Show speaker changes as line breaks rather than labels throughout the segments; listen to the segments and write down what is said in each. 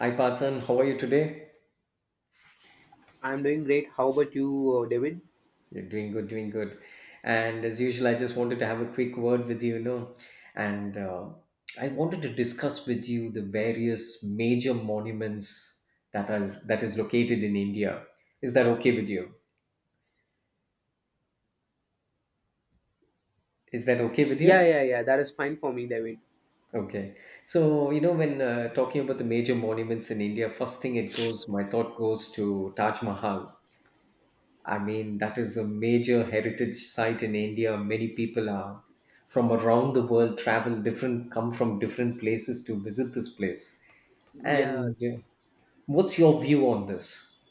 Hi Parthan, how are you today?
I'm doing great. How about you, David?
You're doing good, doing good. And as usual, I just wanted to have a quick word with you, and I wanted to discuss with you the various major monuments that is located in India. Is that okay with you? Is that okay with
Yeah,
you?
yeah, yeah. That is fine for me, David.
Okay. So, you know, when talking about the major monuments in India, first thing it goes, my thought goes to Taj Mahal. I mean, that is a major heritage site in India. Many people are from around the world travel different, come from different places to visit this place.
Yeah.
And What's your view on this?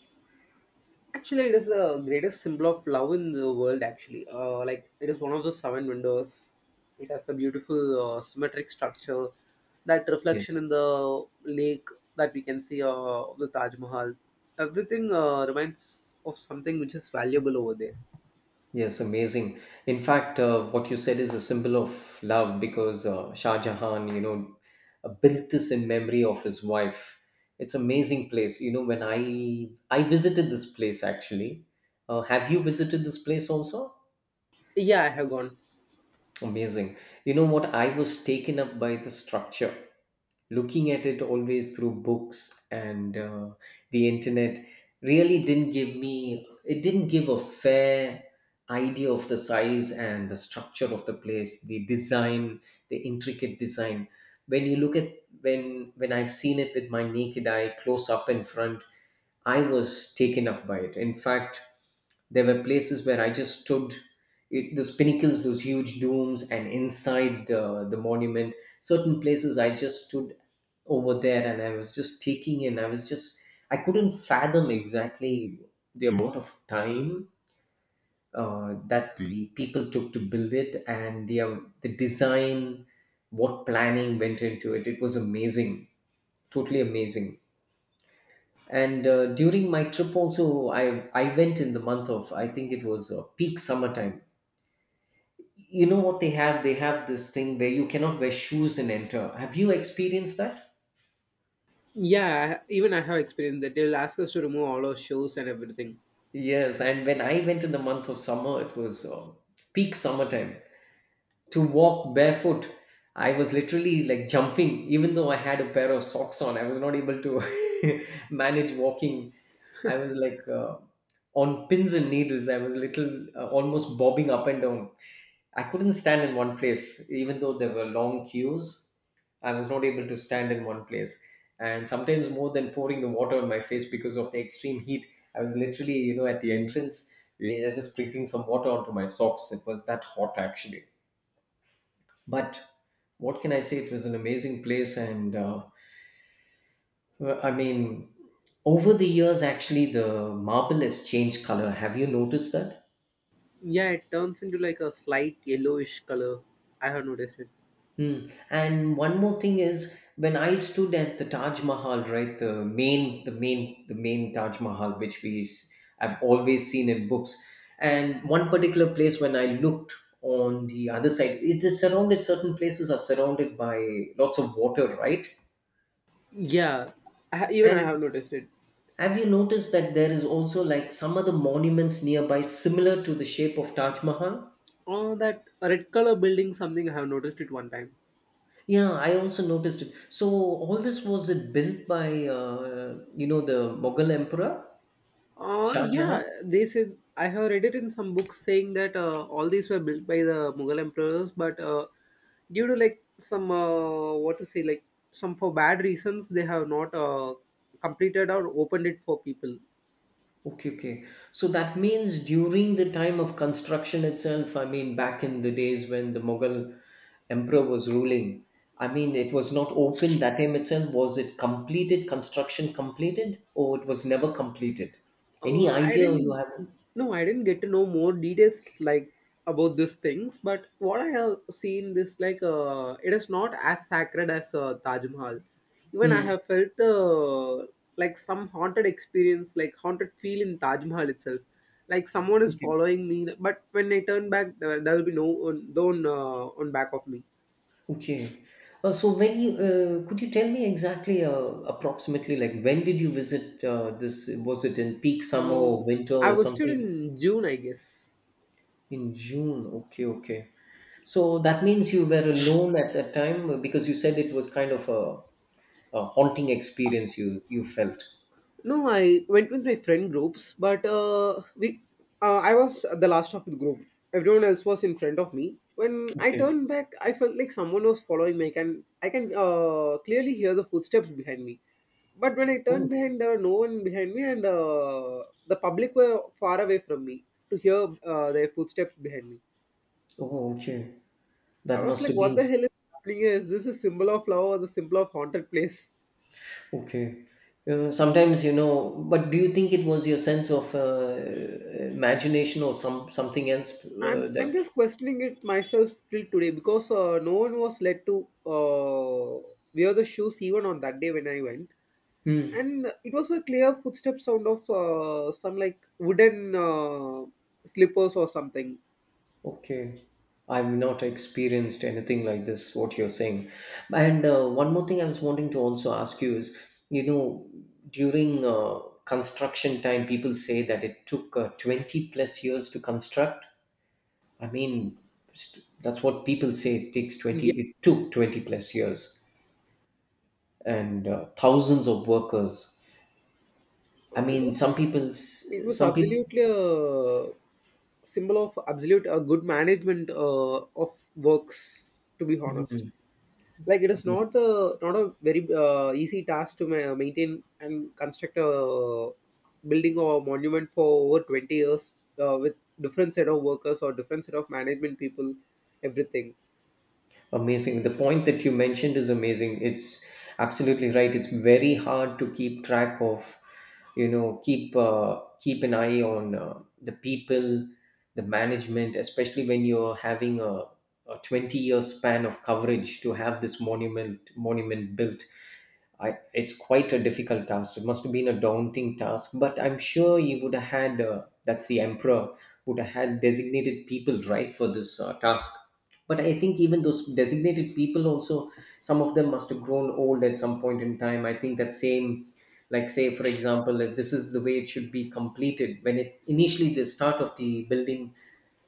Actually, it is the greatest symbol of love in the world, actually. It is one of the seven windows. It has a beautiful symmetric structure, that reflection
Yes.
in the lake that we can see, the Taj Mahal. Everything reminds of something which is valuable over there.
Yes, amazing. In fact, what you said is a symbol of love because Shah Jahan, built this in memory of his wife. It's amazing place. You know, when I visited this place actually. Have you visited this place also?
Yeah, I have gone.
Amazing. You know what? I was taken up by the structure, looking at it always through books and the internet really didn't give me, it didn't give a fair idea of the size and the structure of the place, the design, the intricate design. When you look at, when I've seen it with my naked eye, close up in front, I was taken up by it. In fact, there were places where I just stood, those pinnacles, those huge domes, and inside the monument, certain places I just stood over there and I was just taking in. I couldn't fathom exactly the amount of time that the people took to build it and the the design, what planning went into it. It was amazing, totally amazing, and During my trip also I went in the month of, I think it was peak summertime. You know what, they have this thing where you cannot wear shoes and enter. Have you experienced that?
Yeah, I, even I have experienced that. They'll ask us to remove all our shoes and everything.
Yes, and when I went in the month of summer, it was peak summertime to walk barefoot. I was literally like jumping, even though I had a pair of socks on. I was not able to manage walking. I was like on pins and needles. I was little almost bobbing up and down. I couldn't stand in one place, even though there were long queues. I was not able to stand in one place. And sometimes, more than pouring the water on my face because of the extreme heat, I was literally, you know, at the entrance, just sprinkling some water onto my socks. It was that hot, actually. But what can I say? It was an amazing place, and I mean, over the years, actually, the marble has changed color. Have you noticed that?
Yeah, it turns into like a slight yellowish color. I have noticed it.
Hmm. And one more thing is, when I stood at the Taj Mahal, right, the main Taj Mahal, have always seen in books, and one particular place when I looked on the other side, it is surrounded. Certain places are surrounded by lots of water, right?
Yeah, even I
And
have noticed it.
have you noticed that there is also like some other monuments nearby similar to the shape of Taj Mahal?
Oh, that red color building something I have noticed it one time.
Yeah, I also noticed it. So all this was it built by you know the Mughal emperor Shah
Yeah,
Jahan?
they said I have read it in some books saying that all these were built by the Mughal emperors, but due to like some what to say like some for bad reasons they have not completed or opened it for people.
Okay, okay. So that means during the time of construction itself, I mean back in the days when the Mughal emperor was ruling, I mean it was not open that time itself. Was it completed, construction completed, or it was never completed? Any
I
idea you
didn't.
have?
No, I didn't get to know more details like about these things. But what I have seen this like it is not as sacred as Taj Mahal. Even I
Hmm.
have felt like some haunted experience, like haunted feel in Taj Mahal itself. Like someone is
Okay.
following me, but when I turn back, there will be no one, on back of me.
Okay. So when you could you tell me exactly, approximately, like when did you visit this? Was it in peak summer or
Um,
winter
I
or
was still
something?
in June, I guess.
In June. Okay. Okay. So that means you were alone at that time because you said it was kind of a haunting experience you felt.
No, I went with my friend groups, but we I was the last of the group. Everyone else was in front of me. When I
Okay.
turned back, I felt like someone was following me. I can clearly hear the footsteps behind me. But when I turned
Oh,
behind, there were no one behind me, and the public were far away from me to hear their footsteps behind me.
oh, okay.
I
That
was
must
like,
have
"What
been
the hell is happening here? Is this a symbol of love or the symbol of haunted place?"
okay. Sometimes you know, but do you think it was your sense of imagination or some something else
I'm
that?
just questioning it myself till today because no one was led to wear the shoes even on that day when I went,
Hmm.
and it was a clear footstep sound of some like wooden slippers or something.
Okay. I've not experienced anything like this. What you're saying, and one more thing I was wanting to also ask you is, you know, during construction time, people say that it took 20 plus years to construct. I mean, that's what people say. It takes 20.
Yeah,
It took 20 plus years. And thousands of workers. I
it
mean,
was
some people,
it was
some people.
absolutely a symbol of absolute good management of works, to be honest. Like it is not a very easy task to maintain and construct a building or a monument for over 20 years with different set of workers or different set of management people, everything.
Amazing. The point that you mentioned is amazing. It's absolutely right. It's very hard to keep track of, you know, keep an eye on the people, the management, especially when you're having a 20-year span of coverage to have this monument built. I, it's quite a difficult task. It must have been a daunting task, but I'm sure you would have had, that's the emperor, would have had designated people, right, for this task. But I think even those designated people also, some of them must have grown old at some point in time. I think that same, like say for example, if this is the way it should be completed when it initially the start of the building,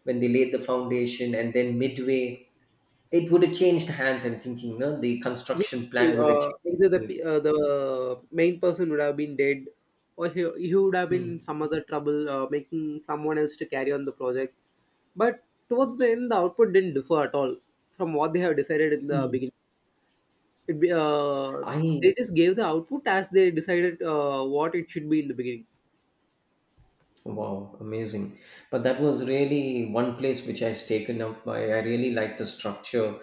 when they laid the foundation and then midway it would have changed hands. I'm thinking, no, the
Yeah,
construction plan would have
uh, either
changed
the pe-
hands.
uh, the main person would have been dead, or he would have been
Hmm.
in some other trouble making someone else to carry on the project. But towards the end, the output didn't differ at all from what they have decided in the
Hmm.
beginning. It be, uh,
I
they just gave the output as they decided what it should be in the beginning.
Wow, amazing. But that was really one place which I've taken up by. I really like the structure,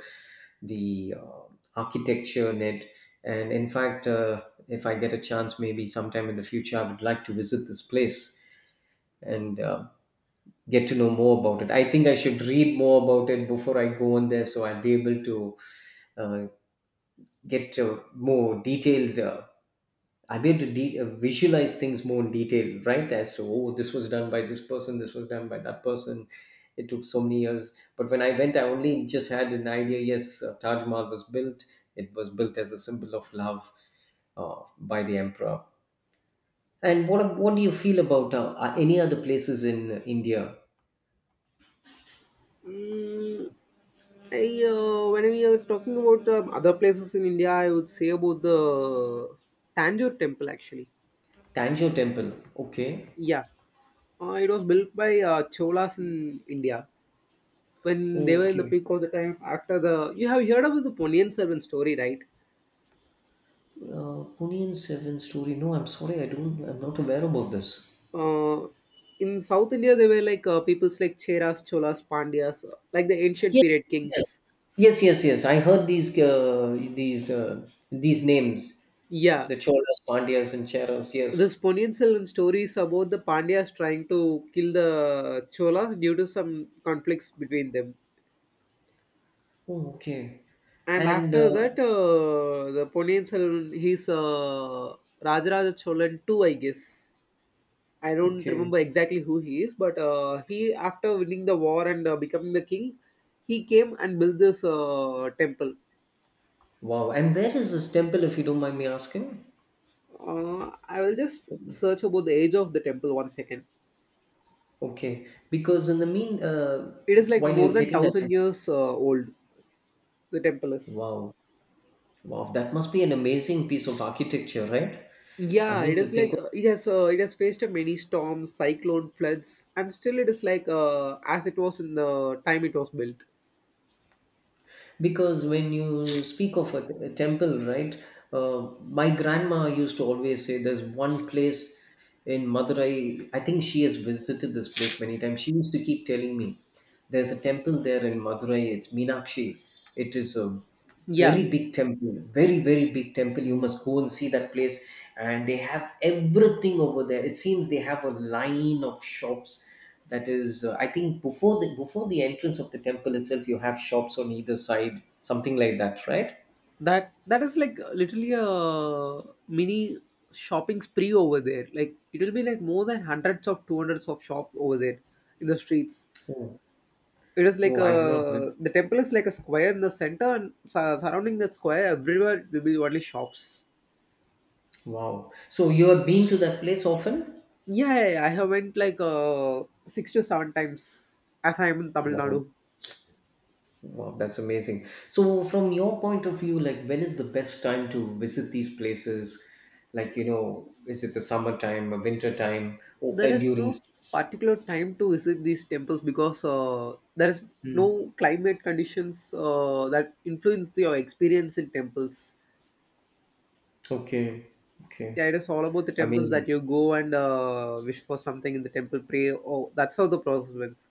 the architecture in it. And in fact, if I get a chance, maybe sometime in the future, I would like to visit this place and get to know more about it. I think I should read more about it before I go on there so I'll be able to uh, get more detailed, I'll able to visualize things more in detail, right? As to, oh, this was done by this person, this was done by that person. It took so many years. But when I went, I only just had an idea. Yes, Taj Mahal was built. It was built as a symbol of love by the emperor. And what do you feel about any other places in India?
Mm, when we are talking about other places in India, I would say about the Tanjore temple actually.
Tanjore Temple. Okay.
Yeah, it was built by Cholas in India when they were in the
Okay.
peak of the time. After the you have heard about the Ponniyin Selvan story, right?
Pune and Seven Story. No, I'm sorry. I don't. I'm not aware about this.
Uh, in South India, there were like peoples like Cheras, Cholas, Pandyas, like the ancient
Yes,
period kings.
yes, yes, yes, yes. I heard these names,
Yeah.
the Cholas, Pandyas, and Cheras.
This
Yes.
Ponniyin Selvan story is about the Pandyas trying to kill the Cholas due to some conflicts between them.
Oh, okay.
And
And
after that, the Ponniyin Selvan, he's Rajaraja Cholan too, I guess. I don't
okay,
remember exactly who he is, but after winning the war and becoming the king, he came and built this temple.
wow. And where is this temple, if you don't mind me asking?
I will just search about the age of the temple one second.
Okay, because in the mean,
It is like
while
more
you're
than
getting that,
thousand years old. The temple is.
wow, wow, that must be an amazing piece of architecture, right? I
Yeah,
mean,
it
to
is
think,
like it has faced a many storms, cyclone, floods, and still it is like as it was in the time it was built.
because when you speak of a temple, right, uh, my grandma used to always say there's one place in Madurai. I think she has visited this place many times. She used to keep telling me there's a temple there in Madurai. It's Meenakshi. It is a
Yeah,
very big temple, very very big temple. You must go and see that place, and they have everything over there, it seems. They have a line of shops, that is, I think before the entrance of the temple itself, you have shops on either side, something like that, right?
that is like literally a mini shopping spree over there. Like it will be like more than hundreds of two hundreds of shop over there in the streets.
Oh,
It is like
oh I've not
a
been-
the temple is like a square in the center, and surrounding that square, everywhere will be only shops.
wow, so you have been to that place often.
Yeah, yeah, yeah. I have went like 6 to 7 times as I am in Tamil
Wow,
Nadu.
wow, that's amazing. So from your point of view, like when is the best time to visit these places, like you know, is it the summertime or winter time or
There is
during
no
s-
particular time to visit these temples because there is
hmm.
no climate conditions that influence your experience in temples.
Okay, okay.
Yeah, it is all about the
i
temples that
mean
you go and wish for something in the temple, pray. Oh, that's how the process went.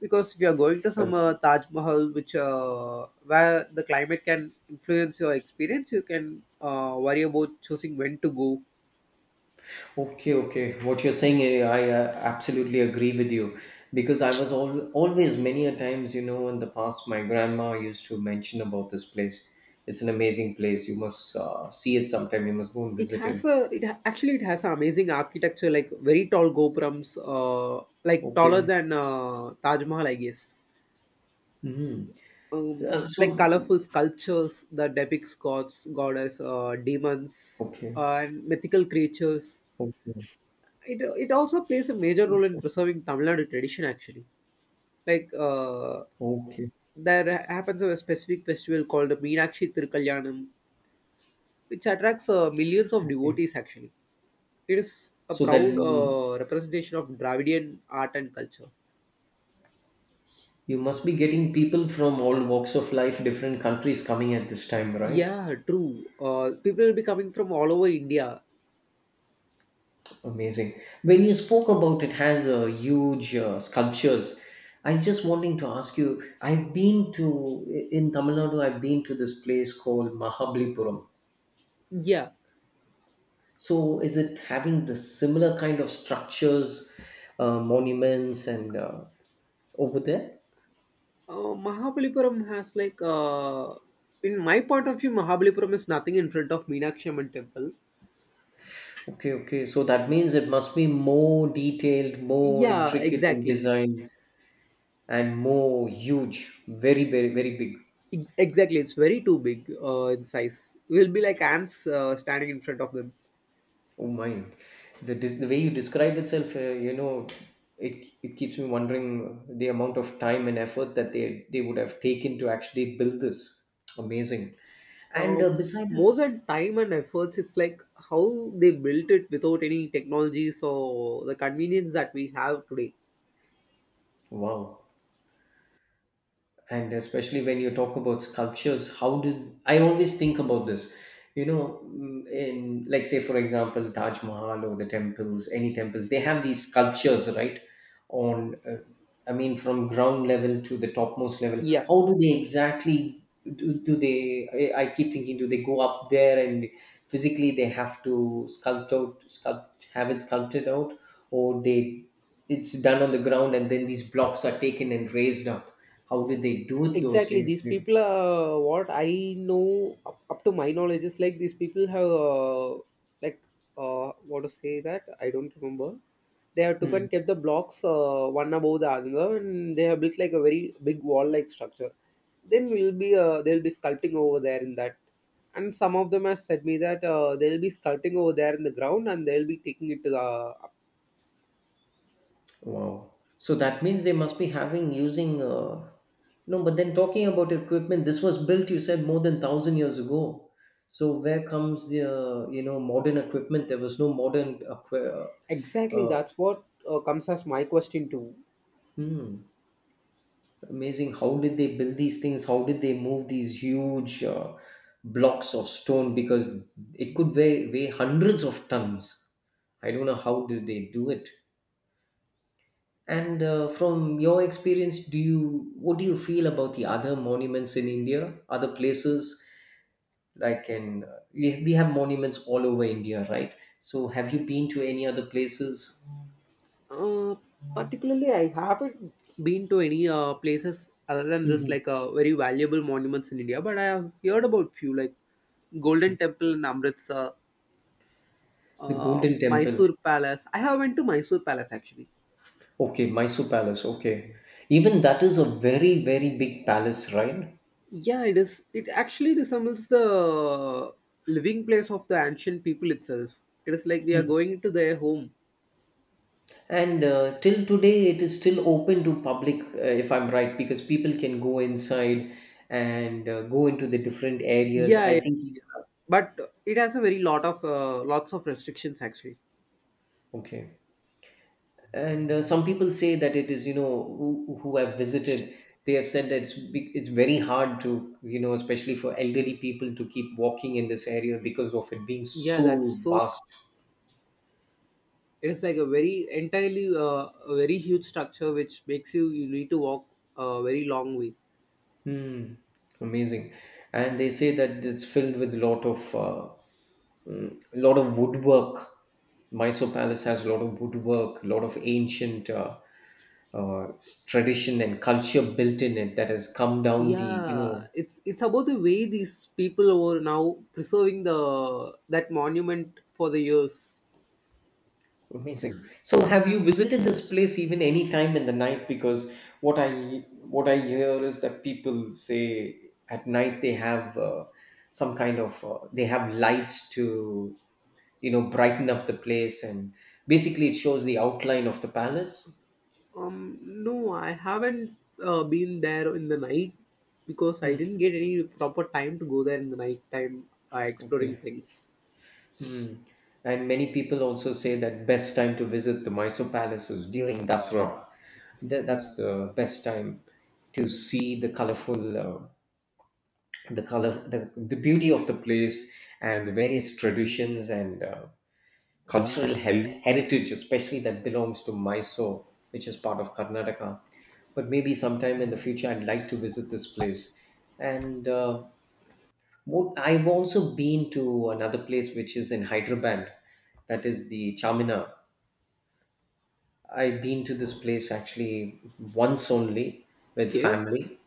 Because if you are going to
uh,
some Taj Mahal, which where the climate can influence your experience, you can worry about choosing when to go.
Okay, okay. What you're saying, I absolutely agree with you because I was always many a times, you know, in the past, my grandma used to mention about this place. It's an amazing place. You must see it sometime. You must go and
It
visit
has
it.
a it ha- Actually it has an amazing architecture like very tall gopurams like taller
Okay.
than Taj Mahal, I guess.
Hmm. Uh, so,
Like colorful sculptures that depicts gods goddess, demons,
okay,
and mythical creatures.
okay,
It also plays a major role in preserving Tamil Nadu tradition actually. like uh,
okay,
there happens a specific festival called Meenakshi Tirukkalyanam, which attracts millions of
okay.
devotees actually. It is a
So
proud
then you,
representation of Dravidian art and culture.
you must be getting people from all walks of life, different countries coming at this time, right?
Yeah, true. People will be coming from all over India.
Amazing. When you spoke about it has a huge sculptures. I was just wanting to ask you. I've been to in Tamil Nadu, I've been to this place called Mahabalipuram.
Yeah.
So is it having the similar kind of structures, monuments, and over there?
Mahabalipuram has in my point of view, Mahabalipuram is nothing in front of Meenakshi Amman temple.
Okay, okay. So that means it must be more detailed, more
Yeah,
intricate in
exactly.
design, and more huge. Very, very, very big.
Exactly, it's very too big in size. We'll be like ants standing in front of them.
Oh my, the way you describe itself, you know, it keeps me wondering the amount of time and effort that they would have taken to actually build this. Amazing, and
um
beside
More than
this,
time and efforts, it's like how they built it without any technologies or the convenience that we have today.
wow, and especially when you talk about sculptures, how did, I always think about this, you know, in like say for example Taj Mahal or the temples, any temples, they have these sculptures, right? On I mean from ground level to the topmost level,
Yeah.
how do they exactly do they I keep thinking, do they go up there and physically they have to sculpt out sculpt have it sculpted out, or they, it's done on the ground and then these blocks are taken and raised up? How did they do it those
Exactly,
days?
these people are what I know up to my knowledge is like these people have like what to say that I don't remember. They have took
Hmm.
and kept the blocks one above the other, and they have built like a very big wall-like structure. Then we'll be They'll be sculpting over there in that, and some of them have said me that they'll be sculpting over there in the ground, and they'll be taking it to the.
Wow. So that means they must be having using, no, but then talking about equipment, this was built, you said, more than 1,000 years ago. So where comes the you know, modern equipment? There was no modern equi-
Exactly,
uh,
that's what comes as my question too.
hmm. Amazing. How did they build these things? How did they move these huge blocks of stone? Because it could weigh hundreds of tons. I don't know how do they do it. And from your experience, do you what do you feel about the other monuments in India, other places? Like in we have monuments all over India, right? So have you been to any other places?
Uh, Particularly, I haven't been to any places other than this, like
Mhm.
very valuable monuments in India, but I have heard about few, like Golden
Okay.
Temple in Amritsar,
The Golden Temple.
Mysore Palace. I have went to Mysore Palace actually.
Okay, Mysore Palace. Okay. Even that is a very, very big palace, right?
Yeah, it is. It actually resembles the living place of the ancient people itself. It is like we are
Hmm.
going to their home.
And till today, it is still open to public, if I'm right, because people can go inside and go into the different areas,
Yeah, yeah,
I think.
yeah. But it has a very lot of lots of restrictions actually.
Okay. And some people say that it is, who have visited, they have said that it's very hard to, especially for elderly people to keep walking in this area because of it being
Yeah, that's
so
so
vast.
It is like a very entirely a very huge structure which makes you need to walk a very long way.
Hmm. Amazing. And they say that it's filled with a lot of woodwork. Mysore Palace has a lot of woodwork, a lot of ancient uh, tradition and culture built in it that has come down the you
Yeah,
know
it's about the way these people are now preserving the that monument for the years.
Amazing. So have you visited this place even any time in the night? Because what I hear is that people say at night they have some kind of, they have lights to brighten up the place, and basically it shows the outline of the palace.
No, I haven't been there in the night because I
Hmm.
didn't get any proper time to go there in the night time, exploring
Okay.
things.
Hmm. And many people also say that best time to visit the Mysore Palace is during Dasra. That's the best time to see the colorful, the beauty of the place and the various traditions and cultural heritage, especially that belongs to Mysore, which is part of Karnataka. But maybe sometime in the future, I'd like to visit this place. And I've also been to another place which is in Hyderabad, that is the Chamina. I've been to this place actually once only with
Okay.
family,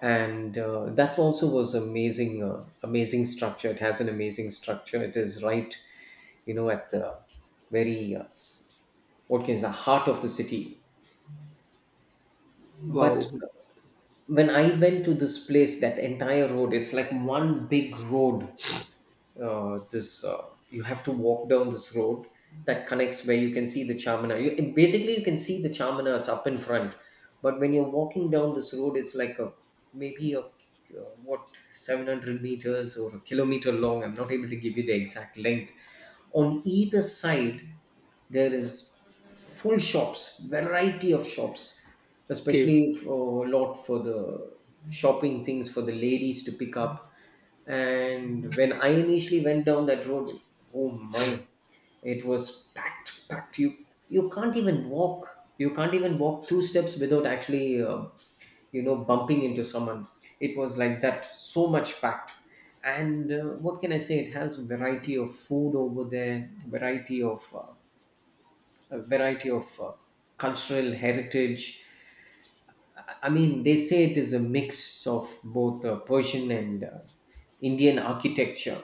and that also was amazing. Amazing structure. It has an amazing structure. It is right, you know, at the very what can the heart of the city. But
Wow.
when I went to this place, that entire road, it's like one big road, this you have to walk down this road that connects where you can see the Chamana. You, basically, you can see the Chamana. It's up in front, but when you're walking down this road, it's like a maybe a, what, 700 meters or a kilometer long. I'm not able to give you the exact length. On either side, there is full shops, variety of shops,
Okay.
especially for a lot, for the shopping things for the ladies to pick up. And when I initially went down that road, oh my, it was packed, packed. You can't even walk. You can't even walk two steps without actually, bumping into someone. It was like that, so much packed. And what can I say? It has variety of food over there, variety of a variety of cultural heritage. I mean, they say it is a mix of both Persian and Indian architecture.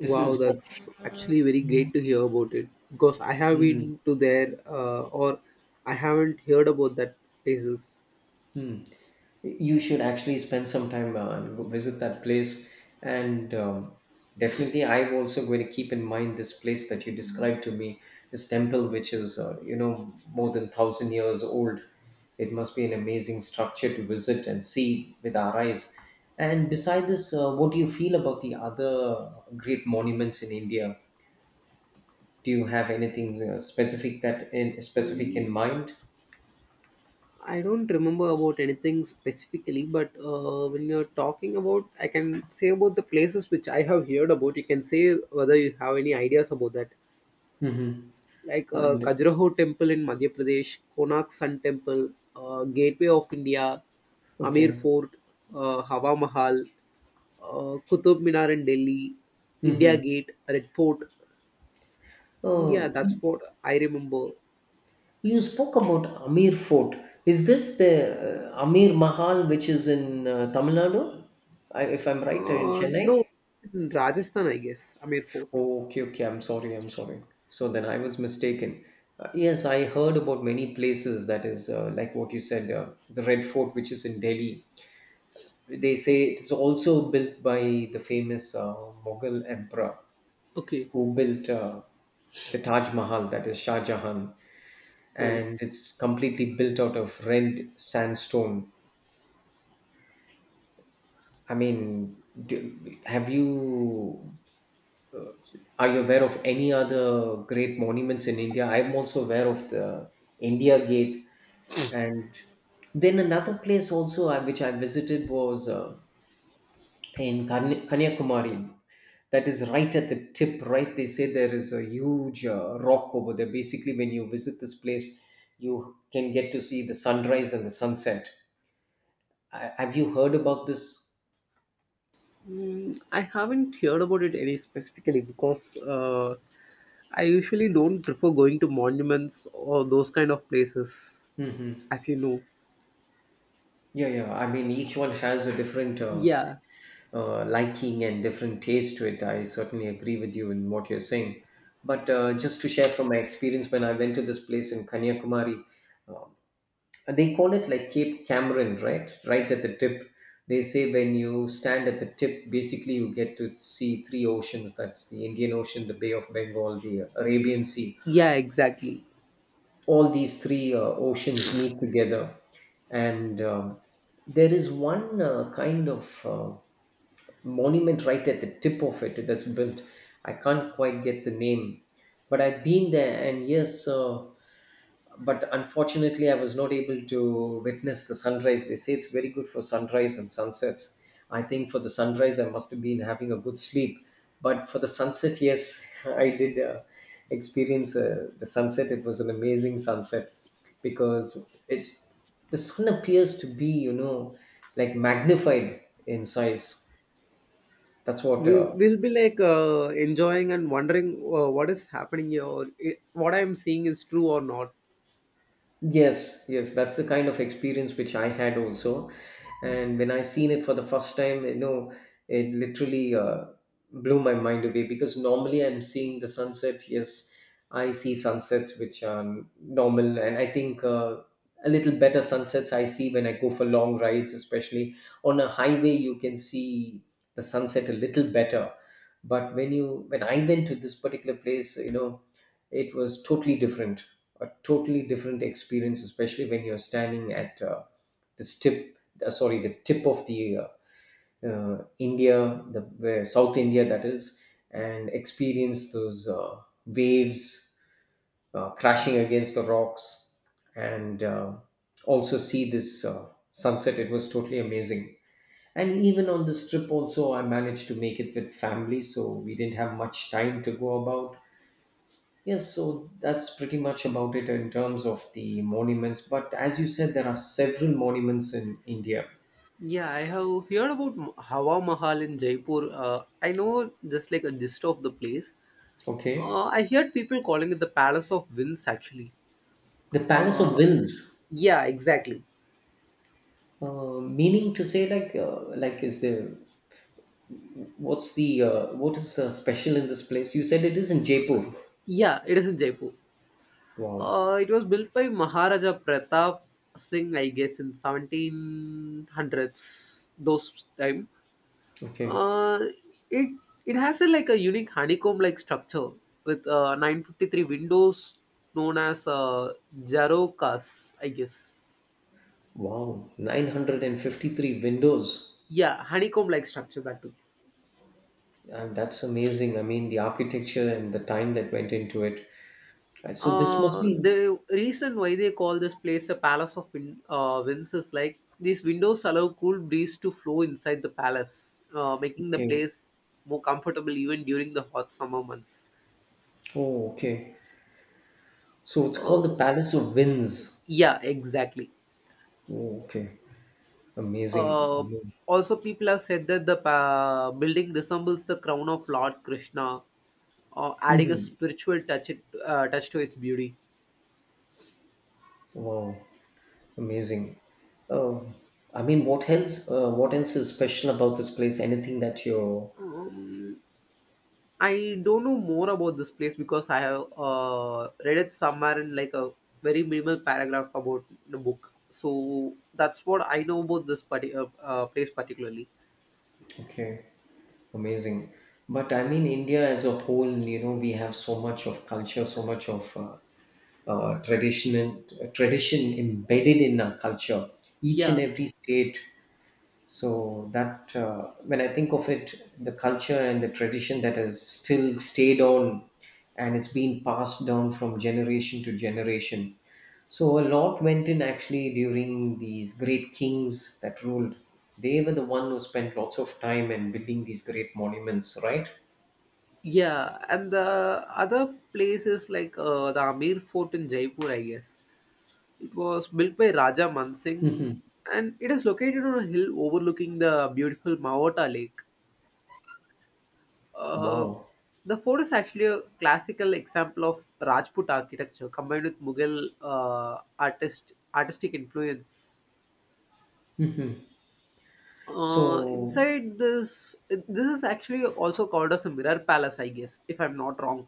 This is what.
that's actually very great to hear about it because I have
Mhm.
been to there or I haven't heard about that places.
Hmm. You should actually spend some time and go visit that place. And definitely, I'm also going to keep in mind this place that you described to me, this temple, which is, more than 1,000 years old. It must be an amazing structure to visit and see with our eyes. And beside this, what do you feel about the other great monuments in India? Do you have anything specific, that in specific in mind?
I don't remember about anything specifically, but when you're talking about, I can say about the places which I have heard about. You can say whether you have any ideas about that,
Mm-hmm.
like
And,
Khajuraho Temple in Madhya Pradesh, Konark Sun Temple, Gateway of India, Amir
okay.
Fort, Hawa Mahal, Qutub Minar in Delhi, India
Mhm.
Gate, Red Fort. Yeah,
Uh,
that's
y-
what I remember.
you spoke about Amir Fort. Is this the Amir Mahal which is in Tamil Nadu, if I'm right, in Chennai?
No, in Rajasthan, I guess, Amir Fort.
Oh, okay, okay. I'm sorry. I'm sorry. So then I was mistaken. Yes, I heard about many places that is like what you said, the Red Fort, which is in Delhi. They say it is also built by the famous Mughal emperor
Okay.
who built the Taj Mahal, that is Shah Jahan.
Oh,
And it's completely built out of red sandstone. I mean, do, have you uh, are you aware of any other great monuments in India? I'm also aware of the India Gate, and then another place also, which I visited was in Kanyakumari. That is right at the tip, right? They say there is a huge rock over there. Basically, when you visit this place, you can get to see the sunrise and the sunset. Have you heard about this?
I haven't heard about it any specifically because I usually don't prefer going to monuments or those kind of places,
Hmm.
as you know.
Yeah, yeah. I mean, each one has a different
Yeah,
liking and different taste to it. I certainly agree with you in what you're saying. But just to share from my experience, when I went to this place in Kanyakumari, um, and they call it like Cape Cameron, right? Right at the tip. They say when you stand at the tip, basically you get to see three oceans. That's the Indian Ocean, the Bay of Bengal, the Arabian Sea,
yeah, exactly.
all these three oceans meet together. And there is one kind of monument right at the tip of it that's built. I can't quite get the name, but I've been there, and yes, but unfortunately, I was not able to witness the sunrise. They say it's very good for sunrise and sunsets. I think for the sunrise, I must have been having a good sleep, but for the sunset, yes, I did. Experience the sunset. It was an amazing sunset because it's, the sun appears to be, like magnified in size. That's what.
We will be like enjoying and wondering what is happening here, or I what I'm seeing is true or not.
Yes, yes, that's the kind of experience which I had also. And when I seen it for the first time, it literally blew my mind away, because normally I'm seeing the sunset. Yes, I see sunsets which are normal, and I think a little better sunsets I see when I go for long rides, especially on a highway. You can see the sunset a little better, but when I went to this particular place, it was totally different, a totally different experience, especially when you're standing at this tip, sorry, the tip of the india, the where South India, that is, and experience those waves crashing against the rocks, and also see this sunset. It was totally amazing, and even on this trip also I managed to make it with family, so we didn't have much time to go about. Yes, so that's pretty much about it in terms of the monuments. But as you said, there are several monuments in India.
Yeah, I have heard about Hawa Mahal in Jaipur. I know just like a gist of the place.
Okay,
I heard people calling it the Palace of Winds actually.
the Palace of
Uh,
Wills,
yeah, exactly.
meaning to say, like, is the, what's the, what is, special in this place? You said it is in Jaipur.
Yeah, it is in Jaipur.
Wow.
It was built by Maharaja Pratap Singh, I guess, in 1700s, those time.
Okay.
Uh, it it has a like a unique honeycomb like structure with 953 windows known as Jarocas, I guess.
Wow. 953 windows.
Yeah, honeycomb like structure that too.
And that's amazing. I mean, the architecture and the time that went into it. Right. So this must be,
The reason why they call this place a palace of winds is like these windows allow cool breeze to flow inside the palace, making the
okay.
place more comfortable even during the hot summer months.
Oh, okay. So it's called
Uh,
the Palace of Winds.
yeah, exactly.
Oh, okay, amazing. I
Uh,
mean,
Also, people have said that the building resembles the crown of Lord Krishna, uh, adding a
hmm.
spiritual touch it, uh, touch to its beauty.
Wow, amazing. Oh, I mean, what else? What else is special about this place? Anything that you're,
Um, I don't know more about this place because I have read it somewhere in like a very minimal paragraph about the book. So that's what I know about this place particularly.
okay, amazing. But I mean, India as a whole, you know, we have so much of culture, so much of tradition, and, tradition embedded in our culture. Each and
Yeah,
every state. So that, when I think of it, the culture and the tradition that has still stayed on, and it's been passed down from generation to generation. So a lot went in actually during these great kings that ruled. They were the one who spent lots of time in building these great monuments, right?
yeah, and the other place is like the Amir Fort in Jaipur, I guess. It was built by Raja Mansingh,
Hmm.
and it is located on a hill overlooking the beautiful Mawata Lake. Uh,
Wow.
the fort is actually a classical example of Rajput architecture combined with Mughal artistic influence.
So
Inside this, this is actually also called as a mirror palace, I guess, if I'm not wrong.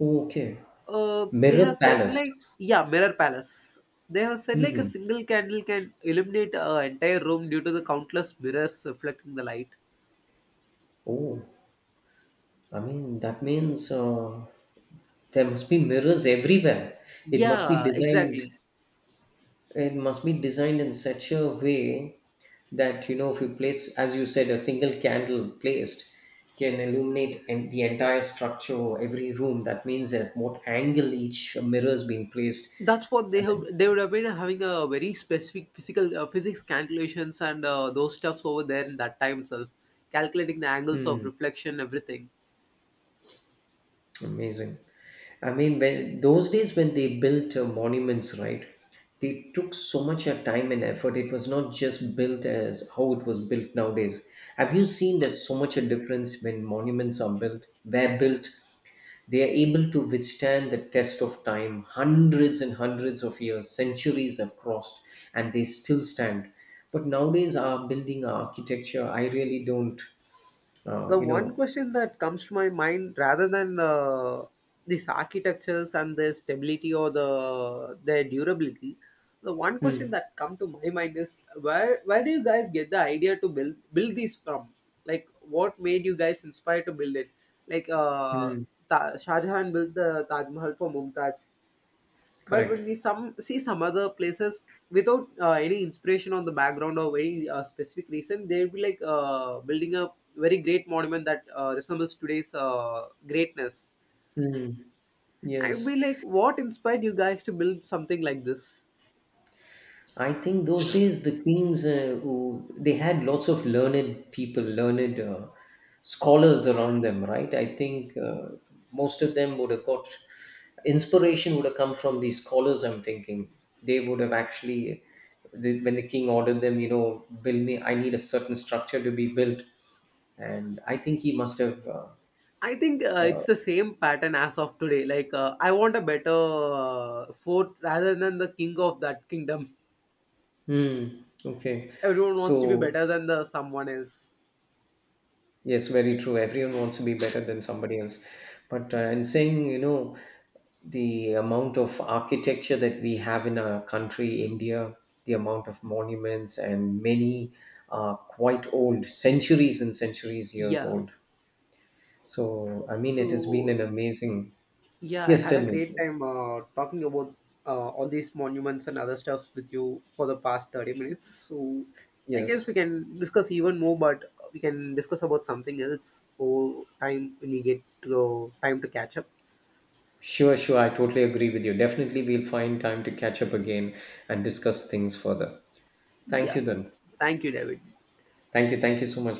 oh, okay,
They
Mirror
have said
Palace.
like Yeah, mirror palace. They have said like a
Hmm.
single candle can illuminate an entire room due to the countless mirrors reflecting the light.
Oh, I mean that means, there must be mirrors everywhere. It must be
Yeah,
designed.
exactly.
It must be designed in such a way that, if you place, as you said, a single candle placed can illuminate the entire structure, or every room. That means at what angle each mirror is being placed.
That's what they have,
And,
they would have been having a very specific physical physics calculations and those stuffs over there in that time itself, calculating the angles of
hmm,
reflection, everything.
amazing. I mean, when those days when they built monuments, right? They took so much time and effort. It was not just built as how it was built nowadays. Have you seen there's so much a difference when monuments are built? They're built. They are able to withstand the test of time. Hundreds and hundreds of years, centuries have crossed, and they still stand. But nowadays, our building, our architecture, I really don't, uh,
The
you
one
know.
question that comes to my mind, rather than these architectures and their stability or the their durability, the one question
Hmm.
that come to my mind is where do you guys get the idea to build these from, like what made you guys inspired to build it, like
Hmm.
Shah Jahan built the Taj Mahal for Mumtaz, but when
Correct.
we some see some other places without any inspiration on the background or very specific reason, they'll be like building a very great monument that resembles today's greatness.
Hmm.
I'd be
Yes.
like what inspired you guys to build something like this?
I think those days the kings, who, they had lots of learned people, learned scholars around them, right? I think most of them would have got inspiration, would have come from these scholars. I'm thinking they would have actually, when the king ordered them, build me. I need a certain structure to be built, and I think he must have.
I think it's the same pattern as of today, like I want a better fort rather than the king of that kingdom.
Hmm, okay,
Everyone wants to be
so.
better than the someone else.
Yes, very true. Everyone wants to be better than somebody else. But in saying, the amount of architecture that we have in our country, India, the amount of monuments, and many are quite old, centuries and centuries years
Yeah.
old. So, I mean, it has been
So.
an amazing.
Yeah, I
Yes,
had
tell
a
me,
great
please.
time talking about all these monuments and other stuff with you for the past 30 minutes. So I guess we
Yes.
can discuss even more, but we can discuss about something else for time when we get to time to catch up.
Sure, sure. I totally agree with you. Definitely, we'll find time to catch up again and discuss things further. Thank
Yeah.
you, then.
Thank you, David.
Thank you. Thank you so much.